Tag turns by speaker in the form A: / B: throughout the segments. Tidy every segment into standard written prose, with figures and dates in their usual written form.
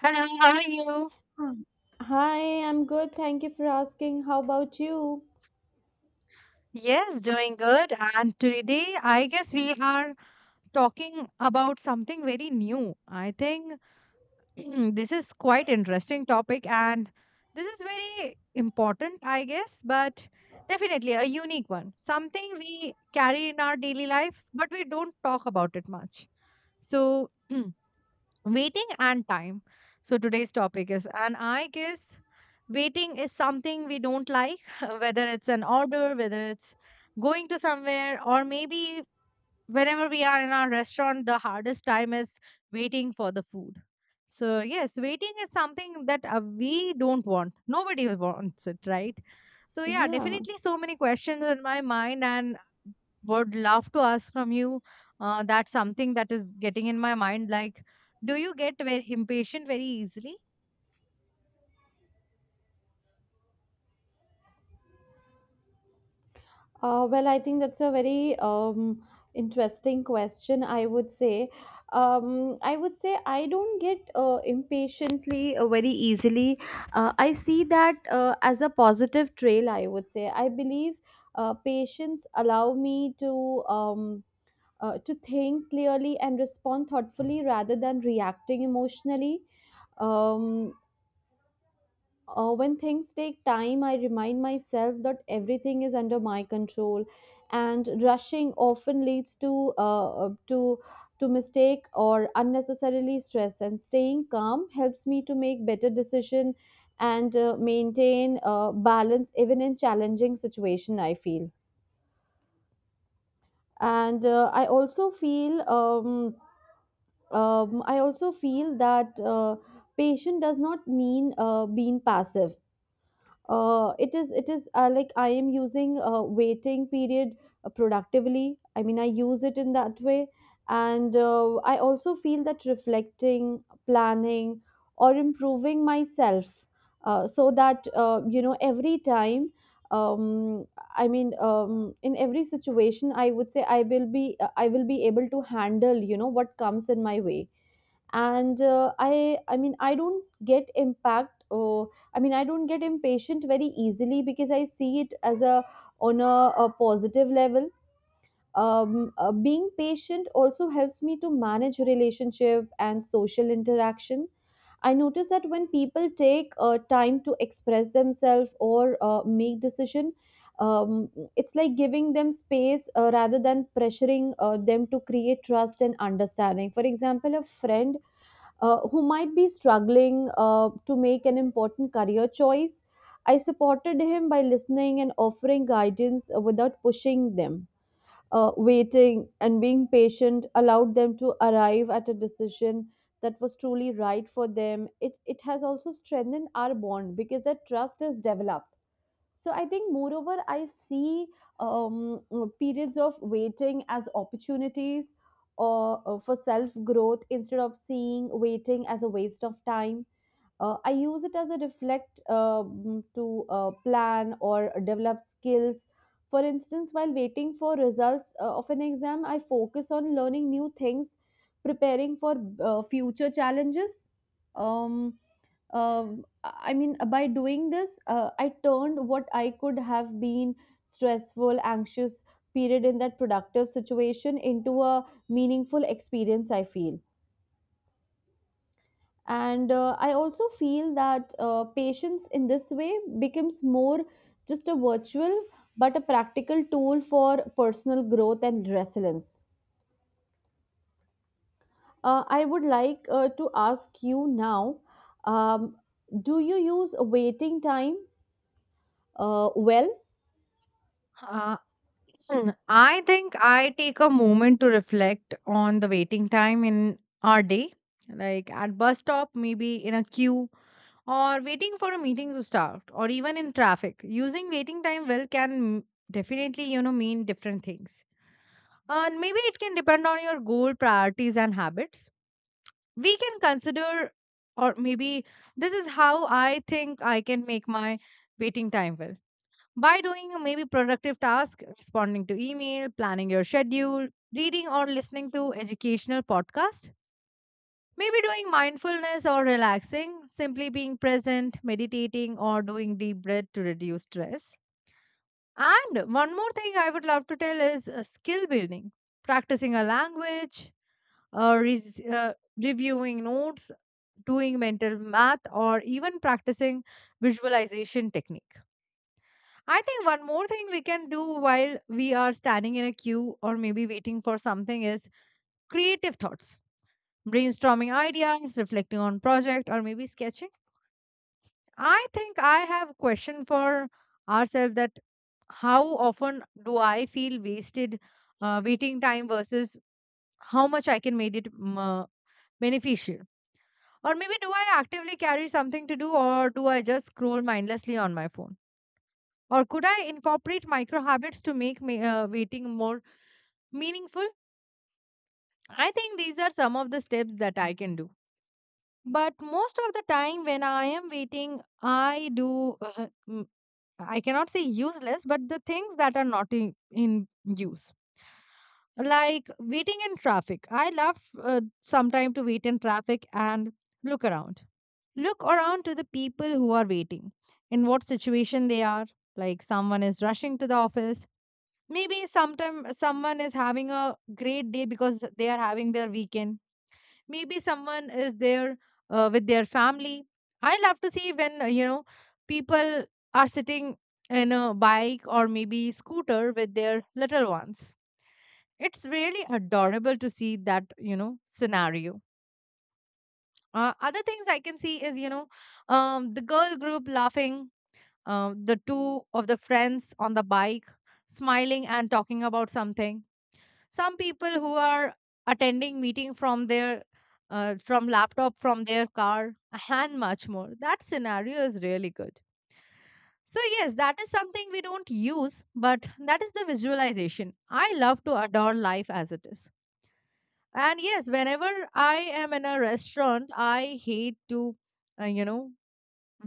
A: Hello, how are you?
B: Hmm. Hi, I'm good. Thank you for asking. How about you?
A: Yes, doing good. And today, I guess we are talking about something very new. I think this is quite interesting topic and this is very important, I guess, but definitely a unique one. Something we carry in our daily life, but we don't talk about it much. So, waiting and time. So today's topic is, and I guess waiting is something we don't like, whether it's an order, whether it's going to somewhere, or maybe whenever we are in our restaurant, the hardest time is waiting for the food. So, yes, waiting is something that we don't want. Nobody wants it, right? So, yeah,
B: Yeah.
A: definitely so many questions in my mind, and would love to ask from you. That's something that is getting in my mind. Like, do you get very impatient very easily?
B: Well, I think that's a very, interesting question, I would say. I would say I don't get impatiently very easily. I see that as a positive trail, I would say. I believe patience allow me to think clearly and respond thoughtfully rather than reacting emotionally. Um, when things take time, I remind myself that everything is under my control, and rushing often leads to to mistake or unnecessarily stress. And staying calm helps me to make better decision and maintain balance even in challenging situation, I feel. And I also feel that. Patient does not mean being passive. It is like I am using waiting period productively. I mean I use it in that way. And I also feel that reflecting planning or improving myself, so that you know every time um, in every situation I would say I will be, I will be able to handle you know what comes in my way. And I mean I don't get impact, or I mean I don't get impatient very easily because I see it as a on a positive level. Being patient also helps me to manage relationship and social interaction. I notice that when people take time to express themselves or make decision. It's like giving them space rather than pressuring them, to create trust and understanding. For example, a friend who might be struggling to make an important career choice. I supported him by listening and offering guidance without pushing them. Waiting and being patient allowed them to arrive at a decision that was truly right for them. It has also strengthened our bond because that trust is developed. So I think, moreover, I see periods of waiting as opportunities or for self growth, instead of seeing waiting as a waste of time. I use it as a reflect, to plan or develop skills. For instance, while waiting for results of an exam, I focus on learning new things, preparing for future challenges. Um, by doing this, I turned what I could have been stressful, anxious period in that productive situation into a meaningful experience, I feel. And I also feel that patience in this way becomes more just a virtual but a practical tool for personal growth and resilience. I would like to ask you now: um, Do you use waiting time well?
A: Uh, Hmm, I think I take a moment to reflect on the waiting time in our day, like at bus stop, maybe in a queue, or waiting for a meeting to start, or even in traffic. Using waiting time well can definitely, you know, mean different things. And maybe it can depend on your goal, priorities, and habits. We can consider, or maybe this is how I think I can make my waiting time well by doing maybe productive tasks, responding to email, planning your schedule, reading or listening to educational podcast, maybe doing mindfulness or relaxing, simply being present, meditating or doing deep breath to reduce stress. And one more thing I would love to tell is skill building, practicing a language, reviewing notes, doing mental math or even practicing visualization techniques. I think one more thing we can do while we are standing in a queue or maybe waiting for something is creative thoughts, brainstorming ideas, reflecting on project or maybe sketching. I think I have a question for ourselves that how often do I feel wasted waiting time versus how much I can make it beneficial? Or maybe do I actively carry something to do or do I just scroll mindlessly on my phone? Or could I incorporate micro habits to make waiting more meaningful. I think these are some of the steps that I can do, but most of the time when I am waiting I do I cannot say useless but the things that are not in use. Like waiting in traffic, I love sometime to wait in traffic and look around, look around to the people who are waiting, in what situation they are. Like someone is rushing to the office, maybe sometime someone is having a great day because they are having their weekend, maybe someone is there with their family. I love to see when you know, people are sitting in a bike or maybe scooter with their little ones. It's really adorable to see that, you know, scenario. Other things I can see is, you know, the girl group laughing, the two of the friends on the bike smiling and talking about something, some people who are attending meeting from their from laptop, from their car, and much more. That scenario is really good. So yes, that is something we don't use but that is the visualization. I love to adore life as it is. And yes, whenever I am in a restaurant, I hate to you know,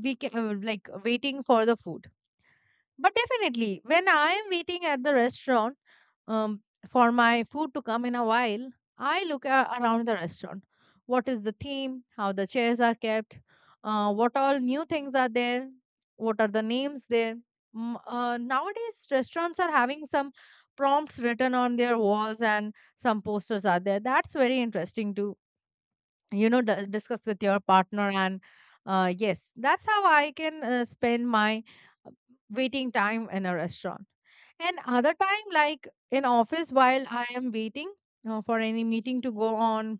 A: like waiting for the food. But definitely, when I am waiting at the restaurant um, for my food to come in a while, I look around the restaurant. What is the theme? How the chairs are kept? What all new things are there? What are the names there? Nowadays, restaurants are having some prompts written on their walls and some posters are there. That's very interesting to, you know, discuss with your partner. And yes, that's how I can spend my uh, waiting time in a restaurant. And other time, like in office while I am waiting for any meeting to go on,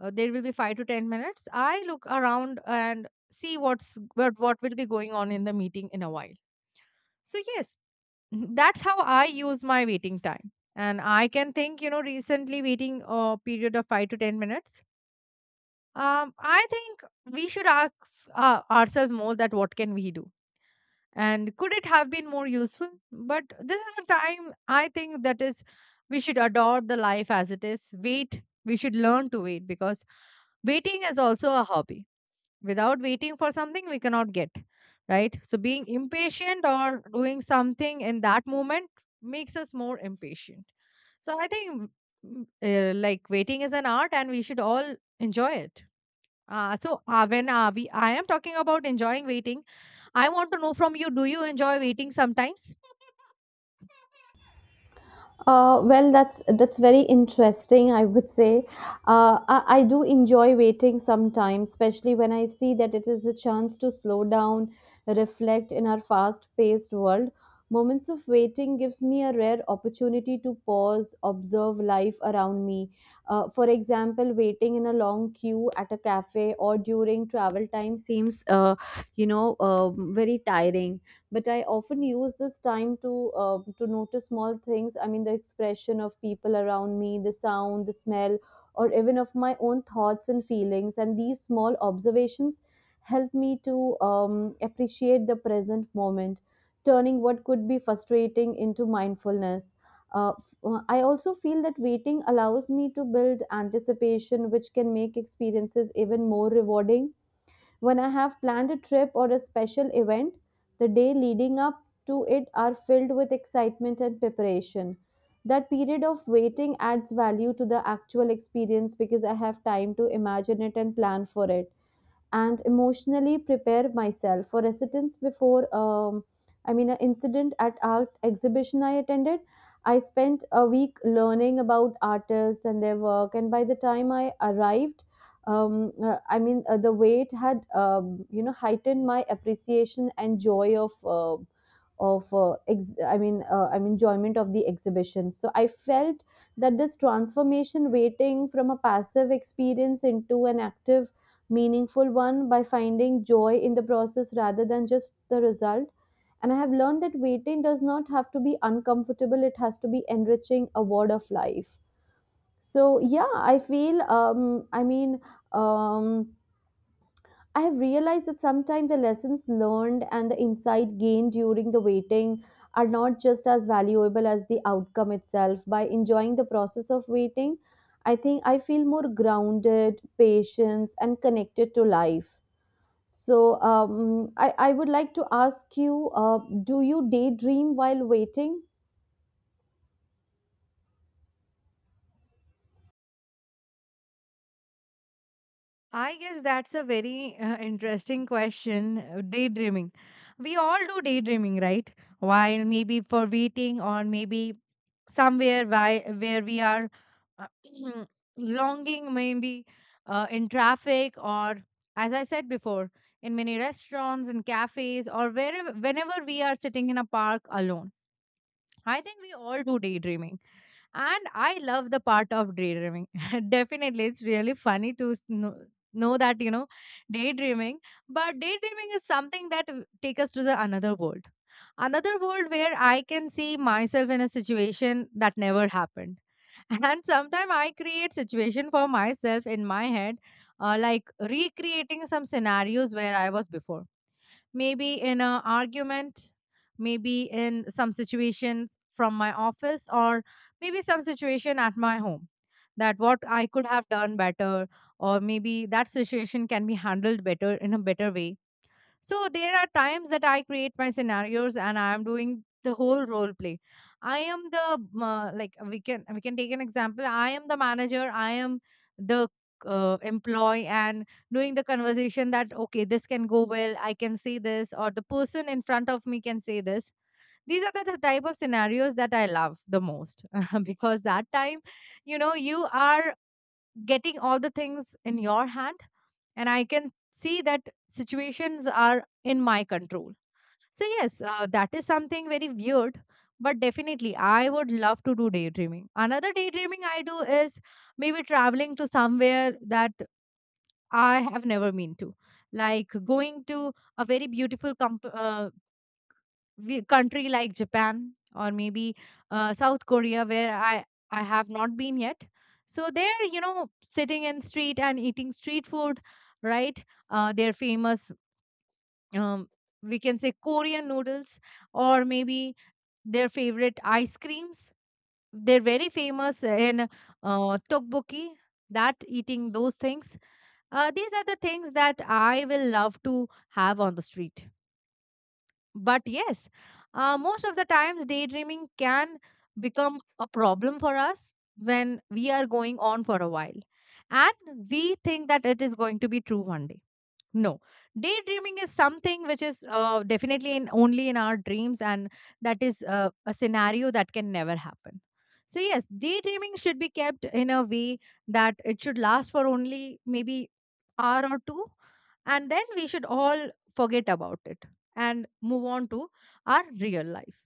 A: there will be 5 to 10 minutes. I look around and see what will be going on in the meeting in a while. So yes, that's how I use my waiting time. And I can think, you know, recently waiting a period of 5 to 10 minutes. I think we should ask ourselves more, that what can we do? And could it have been more useful? But this is a time, I think, that is we should adore the life as it is. Wait, we should learn to wait, because waiting is also a hobby. Without waiting for something, we cannot get, right? So being impatient or doing something in that moment makes us more impatient. So I think like waiting is an art, and we should all enjoy it. So when we I am talking about enjoying waiting. I want to know from you, do you enjoy waiting sometimes?
B: Well, that's very interesting. I would say I do enjoy waiting sometimes, especially when I see that it is a chance to slow down, reflect in our fast-paced world. Moments of waiting gives me a rare opportunity to pause, observe life around me. For example, waiting in a long queue at a cafe or during travel time seems, very tiring, but I often use this time to notice small things. I mean the expression of people around me, the sound, the smell, or even of my own thoughts and feelings. And these small observations help me to um, appreciate the present moment, turning what could be frustrating into mindfulness. I also feel that waiting allows me to build anticipation, which can make experiences even more rewarding. When I have planned a trip or a special event, the day leading up to it are filled with excitement and preparation. That period of waiting adds value to the actual experience because I have time to imagine it and plan for it and emotionally prepare myself for residence before. An incident at art exhibition I attended, I spent a week learning about artists and their work, and by the time I arrived, the wait had you know heightened my appreciation and joy of ex- I mean enjoyment of the exhibition. So I felt that this transformation waiting from a passive experience into an active meaningful one, by finding joy in the process rather than just the result. And I have learned that waiting does not have to be uncomfortable, it has to be enriching, a word of life. So, yeah, I feel, um, I have realized that sometimes the lessons learned and the insight gained during the waiting are not just as valuable as the outcome itself. By enjoying the process of waiting, I think I feel more grounded, patient, and connected to life. So I would like to ask you, do you daydream while waiting?
A: I guess that's a very interesting question. Daydreaming. We all do daydreaming, right? While maybe for waiting or maybe somewhere where we are uh, longing, maybe in traffic, or as I said before, in many restaurants and cafes, or wherever, whenever we are sitting in a park alone. I think we all do daydreaming. And I love the part of daydreaming. Definitely, it's really funny to know that, you know, daydreaming. But daydreaming is something that take us to the another world. Another world where I can see myself in a situation that never happened. And sometimes I create situation for myself in my head, like recreating some scenarios where I was before, maybe in an argument, maybe in some situations from my office, or maybe some situation at my home. That what I could have done better, or maybe that situation can be handled better in a better way. So there are times that I create my scenarios and I am doing the whole role play. I am the like we can take an example. I am the manager. I am the employee, and doing the conversation that okay, this can go well. I can say this, or the person in front of me can say this. These are the type of scenarios that I love the most, because that time, you know, you are getting all the things in your hand, and I can see that situations are in my control. So yes, that is something very weird, but definitely I would love to do daydreaming. Another daydreaming I do is maybe traveling to somewhere that I have never been to. Like going to a very beautiful country like Japan, or maybe South Korea, where I have not been yet. So they're, you know, sitting in street and eating street food, right? They're famous. Um, we can say Korean noodles, or maybe their favorite ice creams. They're very famous in tteokbokki. That eating those things. These are the things that I will love to have on the street. But yes, most of the times daydreaming can become a problem for us when we are going on for a while. And we think that it is going to be true one day. No, daydreaming is something which is definitely in only in our dreams, and that is a scenario that can never happen. So yes, daydreaming should be kept in a way that it should last for only maybe hour or two, and then we should all forget about it and move on to our real life.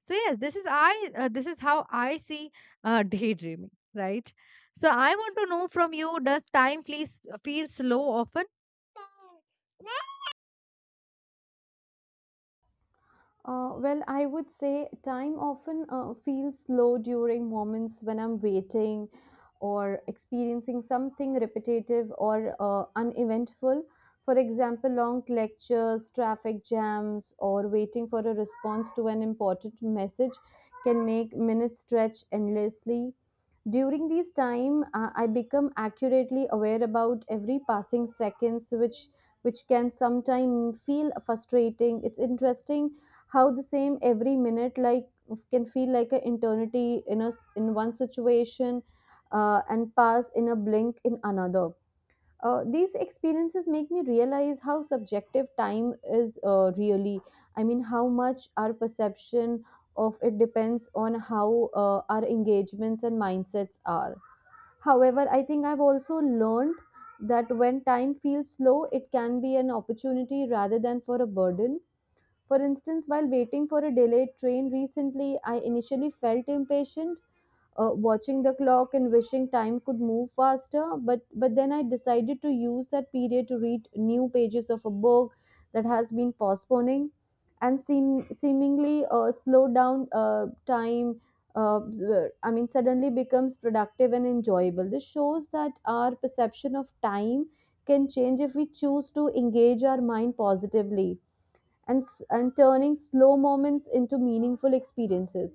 A: So yes, this is I. This is how I see daydreaming, right? So I want to know from you: does time flees feel slow often?
B: Well, I would say time often feels slow during moments when I'm waiting or experiencing something repetitive or uneventful. For example, long lectures, traffic jams, or waiting for a response to an important message can make minutes stretch endlessly. During these time, I become accurately aware about every passing seconds, which can sometimes feel frustrating. It's interesting how the same every minute like can feel like an eternity in a in one situation and pass in a blink in another. These experiences make me realize how subjective time is really. I mean, how much our perception of it depends on how our engagements and mindsets are. However, I think I've also learned that when time feels slow, it can be an opportunity rather than for a burden. For instance, while waiting for a delayed train recently, I initially felt impatient, watching the clock and wishing time could move faster. But then I decided to use that period to read new pages of a book that has been postponing, and seemingly slow down time uh, I mean suddenly becomes productive and enjoyable. This shows that our perception of time can change if we choose to engage our mind positively, and turning slow moments into meaningful experiences.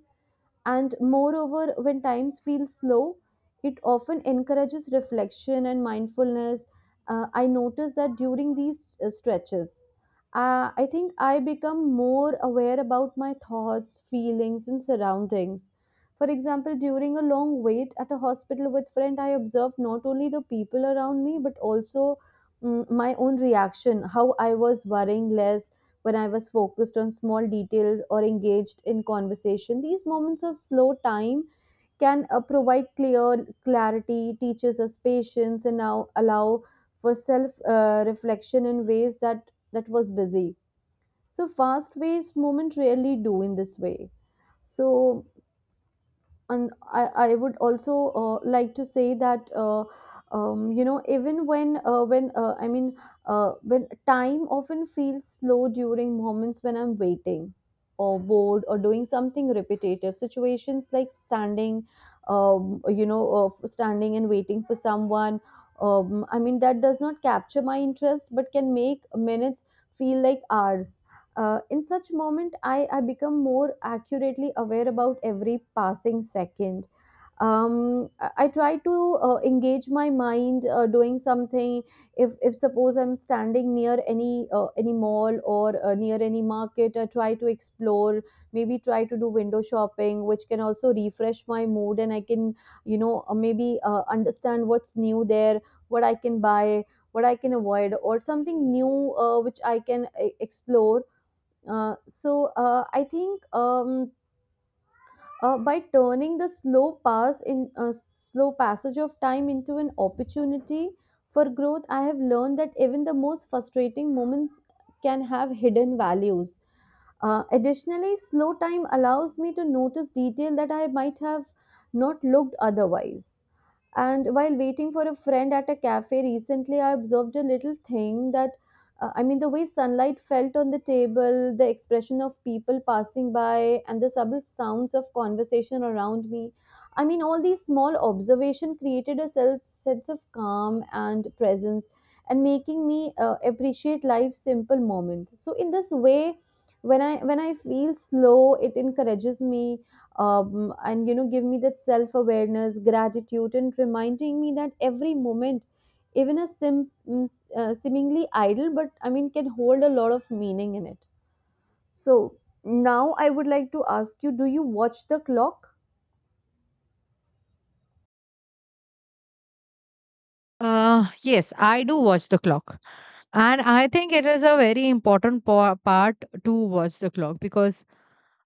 B: And moreover, when times feel slow, it often encourages reflection and mindfulness. I notice that during these stretches, I think I become more aware about my thoughts, feelings, and surroundings. For example, during a long wait at a hospital with friend, I observed not only the people around me but also my own reaction, how I was worrying less, when I was focused on small details or engaged in conversation. These moments of slow time can provide clear clarity, teaches us patience, and now allow for self reflection in ways that was busy. So fast paced moment rarely do in this way. So and I would also like to say that you know, even when I mean when time often feels slow during moments when I'm waiting or bored or doing something repetitive, situations like standing, standing and waiting for someone, that does not capture my interest but can make minutes feel like hours. In such moment, I become more accurately aware about every passing second. I try to engage my mind doing something. If suppose I'm standing near any mall or near any market, I try to explore. Maybe try to do window shopping, which can also refresh my mood, and I can you know maybe understand what's new there, what I can buy, what I can avoid, or something new which I can explore. Uh, so I think By turning the slow pass in slow passage of time into an opportunity for growth, I have learned that even the most frustrating moments can have hidden values. Additionally, slow time allows me to notice detail that I might have not looked otherwise. And while waiting for a friend at a cafe recently, I observed a little thing that, I mean, the way sunlight felt on the table, the expression of people passing by, and the subtle sounds of conversation around me. I mean, all these small observations created a self sense of calm and presence, and making me appreciate life's simple moments. So, in this way, when I feel slow, it encourages me, and give me that self awareness gratitude and reminding me that every moment, even a seemingly idle but can hold a lot of meaning in it. So now I would like to ask you, do you watch the clock?
A: Yes, I do watch the clock. And I think it is a very important part to watch the clock, because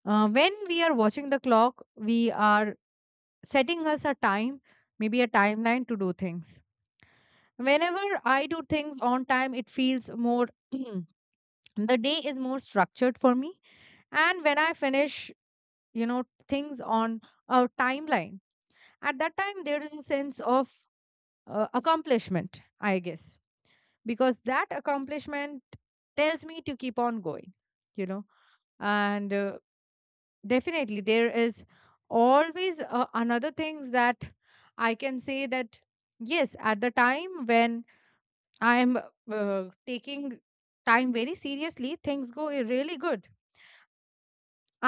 A: when we are watching the clock, we are setting us a time, maybe a timeline to do things. Whenever I do things on time, it feels more, the day is more structured for me. And when I finish, you know, things on a timeline, at that time there is a sense of accomplishment, I guess, because that accomplishment tells me to keep on going, you know. And definitely there is always another things that I can say that yes at the time when I am taking time very seriously, things really good.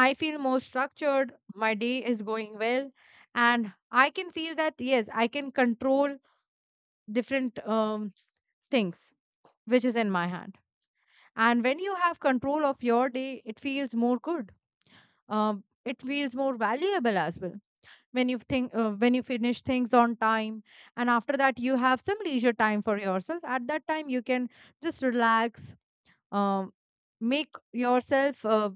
A: I feel more structured, my day is going well, and I can feel that yes I can control different things which is in my hand. And when you have control of your day, it feels more good. It feels more valuable as well. When you think, when you finish things on time, and after that you have some leisure time for yourself. At that time, you can just relax, um, make yourself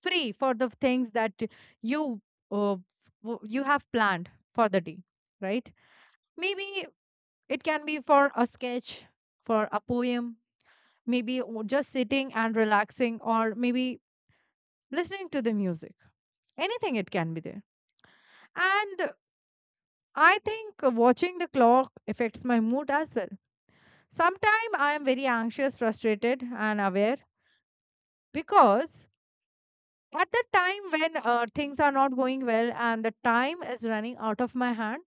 A: free for the things that you uh, you have planned for the day. Right? Maybe it can be for a sketch, for a poem, maybe just sitting and relaxing, or maybe listening to the music, anything it can be there. And I think watching the clock affects my mood as well. Sometimes I am very anxious, frustrated, and aware, because at the time when things are not going well and the time is running out of my hand,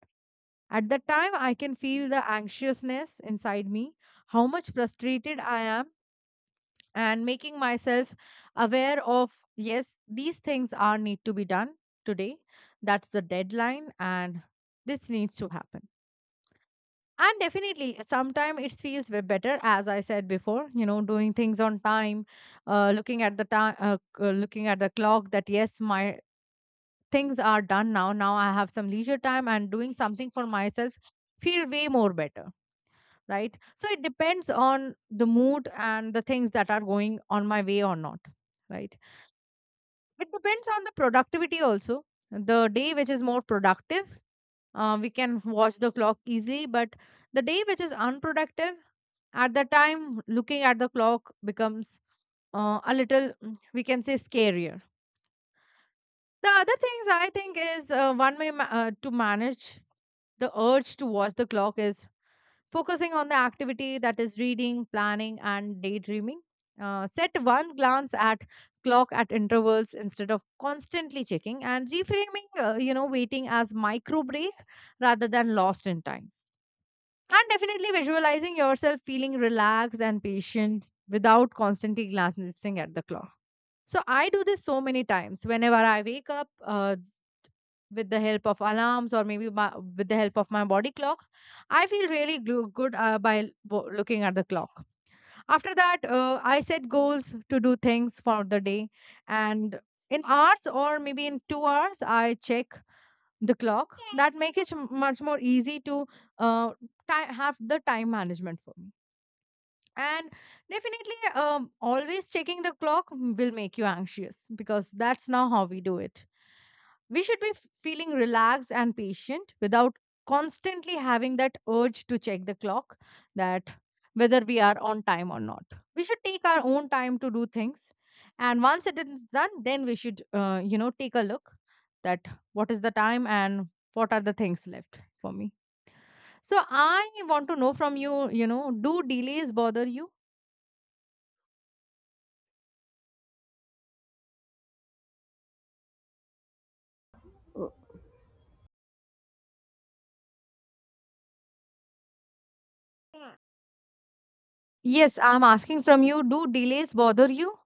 A: at the time I can feel the anxiousness inside me, how much frustrated I am, and making myself aware of yes, these things are need to be done today, that's the deadline and this needs to happen. And definitely sometimes it feels way better, as I said before, you know, doing things on time, looking at the time, looking at the clock that yes, my things are done, now now I have some leisure time, and doing something for myself feel way more better, right? So it depends on the mood and the things that are going on my way or not, right? It depends on the productivity also. The day which is more productive, we can watch the clock easily, but the day which is unproductive, at the time looking at the clock becomes a little, we can say, scarier. The other things I think is one way to manage the urge to watch the clock is focusing on the activity that is reading, planning, and daydreaming. Set one glance at clock at intervals instead of constantly checking, and reframing you know waiting as micro break rather than lost in time, and definitely visualizing yourself feeling relaxed and patient without constantly glancing at the clock. So I do this so many times whenever I wake up, with the help of alarms, or with the help of my body clock, I feel really good by looking at the clock. After that I set goals to do things for the day, and in hours or maybe in 2 hours I check the clock. That makes it much more easy to uh, have the time management for me. And definitely, always checking the clock will make you anxious, because that's now how we do it. We should be feeling relaxed and patient without constantly having that urge to check the clock, that whether we are on time or not. We should take our own time to do things. And once it is done, then we should, you know, take a look that what is the time and what are the things left for me. So I want to know from you, you know, do delays bother you?
B: Oh,
A: Yes, I'm asking from you. Do delays bother you?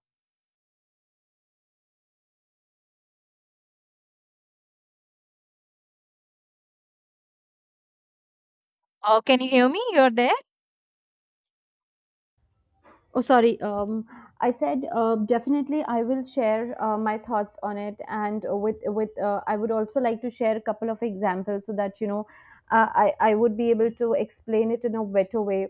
A: Can you hear me? You're there?
B: sorry, I said, definitely I will share my thoughts on it, and with I would also like to share a couple of examples so that, you know, I would be able to explain it in a better way.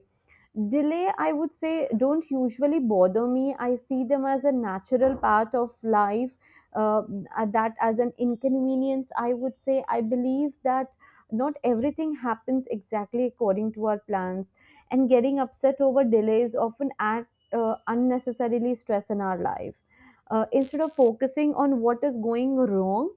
B: Delay, I would say, don't usually bother me. I see them as a natural part of life, uh, that as an inconvenience, I would say. I believe that not everything happens exactly according to our plans, and getting upset over delays often add unnecessarily stress in our life. Instead of focusing on what is going wrong,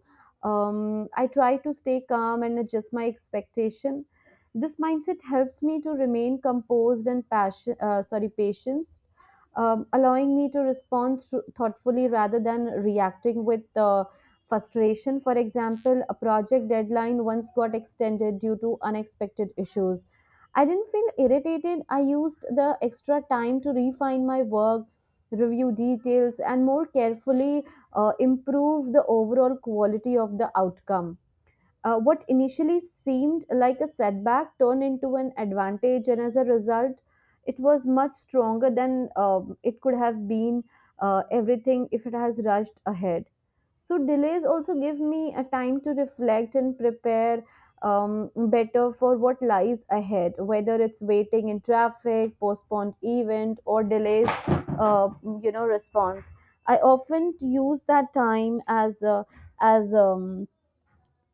B: I try to stay calm and adjust my expectation. This mindset helps me to remain composed and passion, sorry, patient, allowing me to respond thoughtfully rather than reacting with frustration. For example, a project deadline once got extended due to unexpected issues. I didn't feel irritated. I used the extra time to refine my work, review details, and more carefully improve the overall quality of the outcome. What initially seemed like a setback turned into an advantage, and as a result, it was much stronger than, it could have been, everything if it has rushed ahead. So, delays also give me a time to reflect and prepare, better for what lies ahead, whether it's waiting in traffic, postponed event, or delays, uh, you know, response. I often use that time as a, as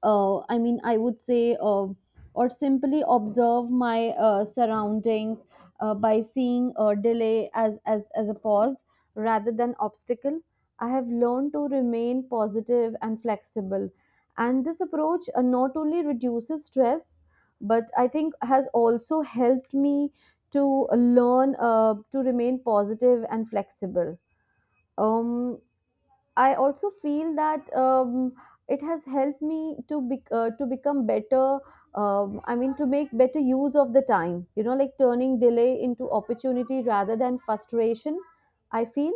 B: I mean, I would say, or simply observe my surroundings, by seeing a delay as a pause rather than obstacle. I have learned to remain positive and flexible. And this approach not only reduces stress, but I think has also helped me to learn to remain positive and flexible. Um, I also feel that, it has helped me to be, to become better. I mean, to make better use of the time. You know, like turning delay into opportunity rather than frustration, I feel.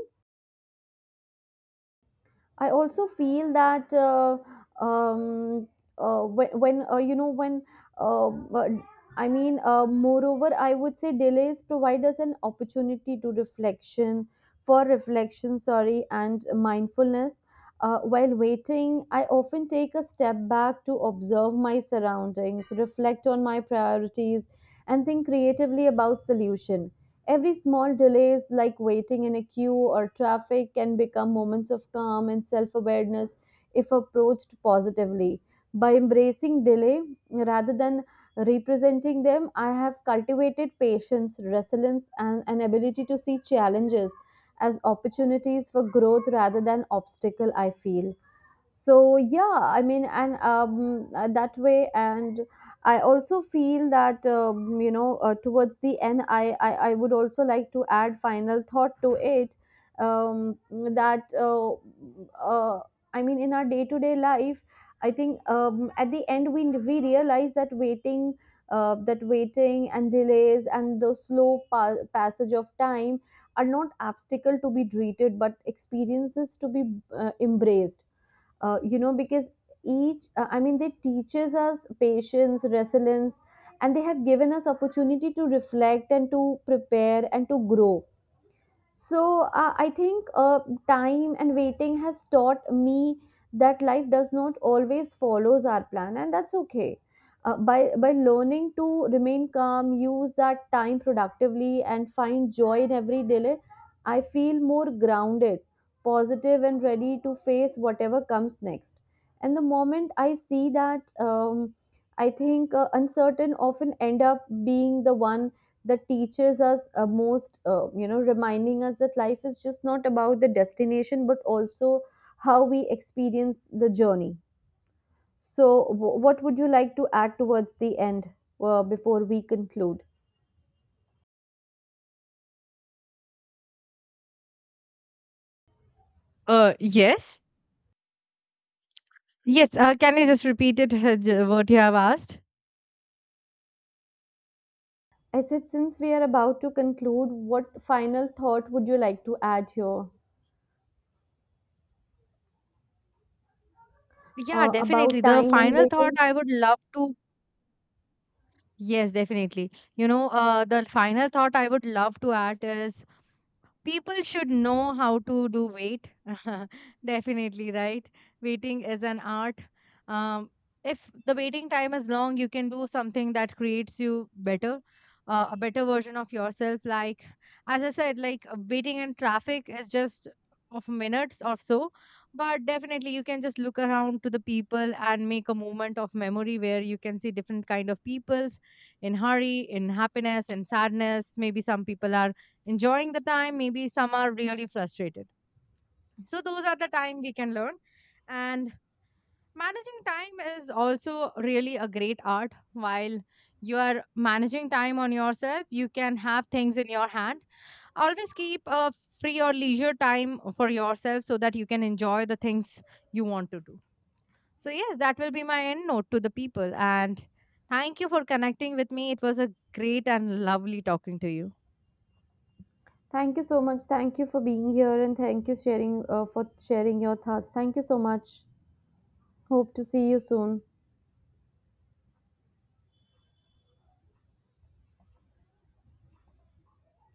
B: I also feel that um, when you know when uh, uh, I mean, moreover, I would say delays provide us an opportunity to reflection, for reflection, sorry, and mindfulness. While waiting, I often take a step back to observe my surroundings, reflect on my priorities, and think creatively about solution. Every small delays like waiting in a queue or traffic can become moments of calm and self-awareness if approached positively. By embracing delay rather than representing them, I have cultivated patience, resilience and an ability to see challenges as opportunities for growth rather than obstacle, I feel. So, yeah I mean and that way. And I also feel that, towards the end, I would also like to add final thought to it. Um that uh I mean In our day to day life, I think, at the end we realize that waiting, that waiting and delays and the slow passage of time are not obstacle to be treated but experiences to be embraced, you know, because each they teaches us patience, resilience, and they have given us opportunity to reflect and to prepare and to grow. So, I think, time and waiting has taught me that life does not always follows our plan, and that's okay. By learning to remain calm, use that time productively, and find joy in every delay, I feel more grounded, positive, and ready to face whatever comes next. And the moment I see that, I think uncertain often end up being the one that teaches us most, you know, reminding us that life is just not about the destination but also how we experience the journey. So what would you like to add towards the end before we conclude?
A: Yes. Yes, can you just repeat it, what you have asked?
B: I said, since we are about to conclude, what final thought would you like to add here,
A: Yeah,
B: about
A: definitely. The
B: time and
A: final thought
B: waiting?
A: I would love to, yes, definitely. You know, the final thought I would love to add is people should know how to do weight. Definitely, right? Waiting is an art. um, if the waiting time is long, you can do something that creates you better, a better version of yourself. Like as I said, like waiting in traffic is just of minutes or so, but definitely you can just look around to the people and make a moment of memory where you can see different kind of peoples in hurry, in happiness, in sadness. Maybe some people are enjoying the time, maybe some are really frustrated. So those are the time we can learn. And managing time is also really a great art. While you are managing time on yourself, you can have things in your hand. Always keep a free or leisure time for yourself so that you can enjoy the things you want to do. So, yes, that will be my end note to the people. And thank you for connecting with me. It was a great and lovely talking to you.
B: Thank you so much. Thank you for being here, and thank you sharing, for sharing your thoughts. Thank you so much. Hope to see you soon.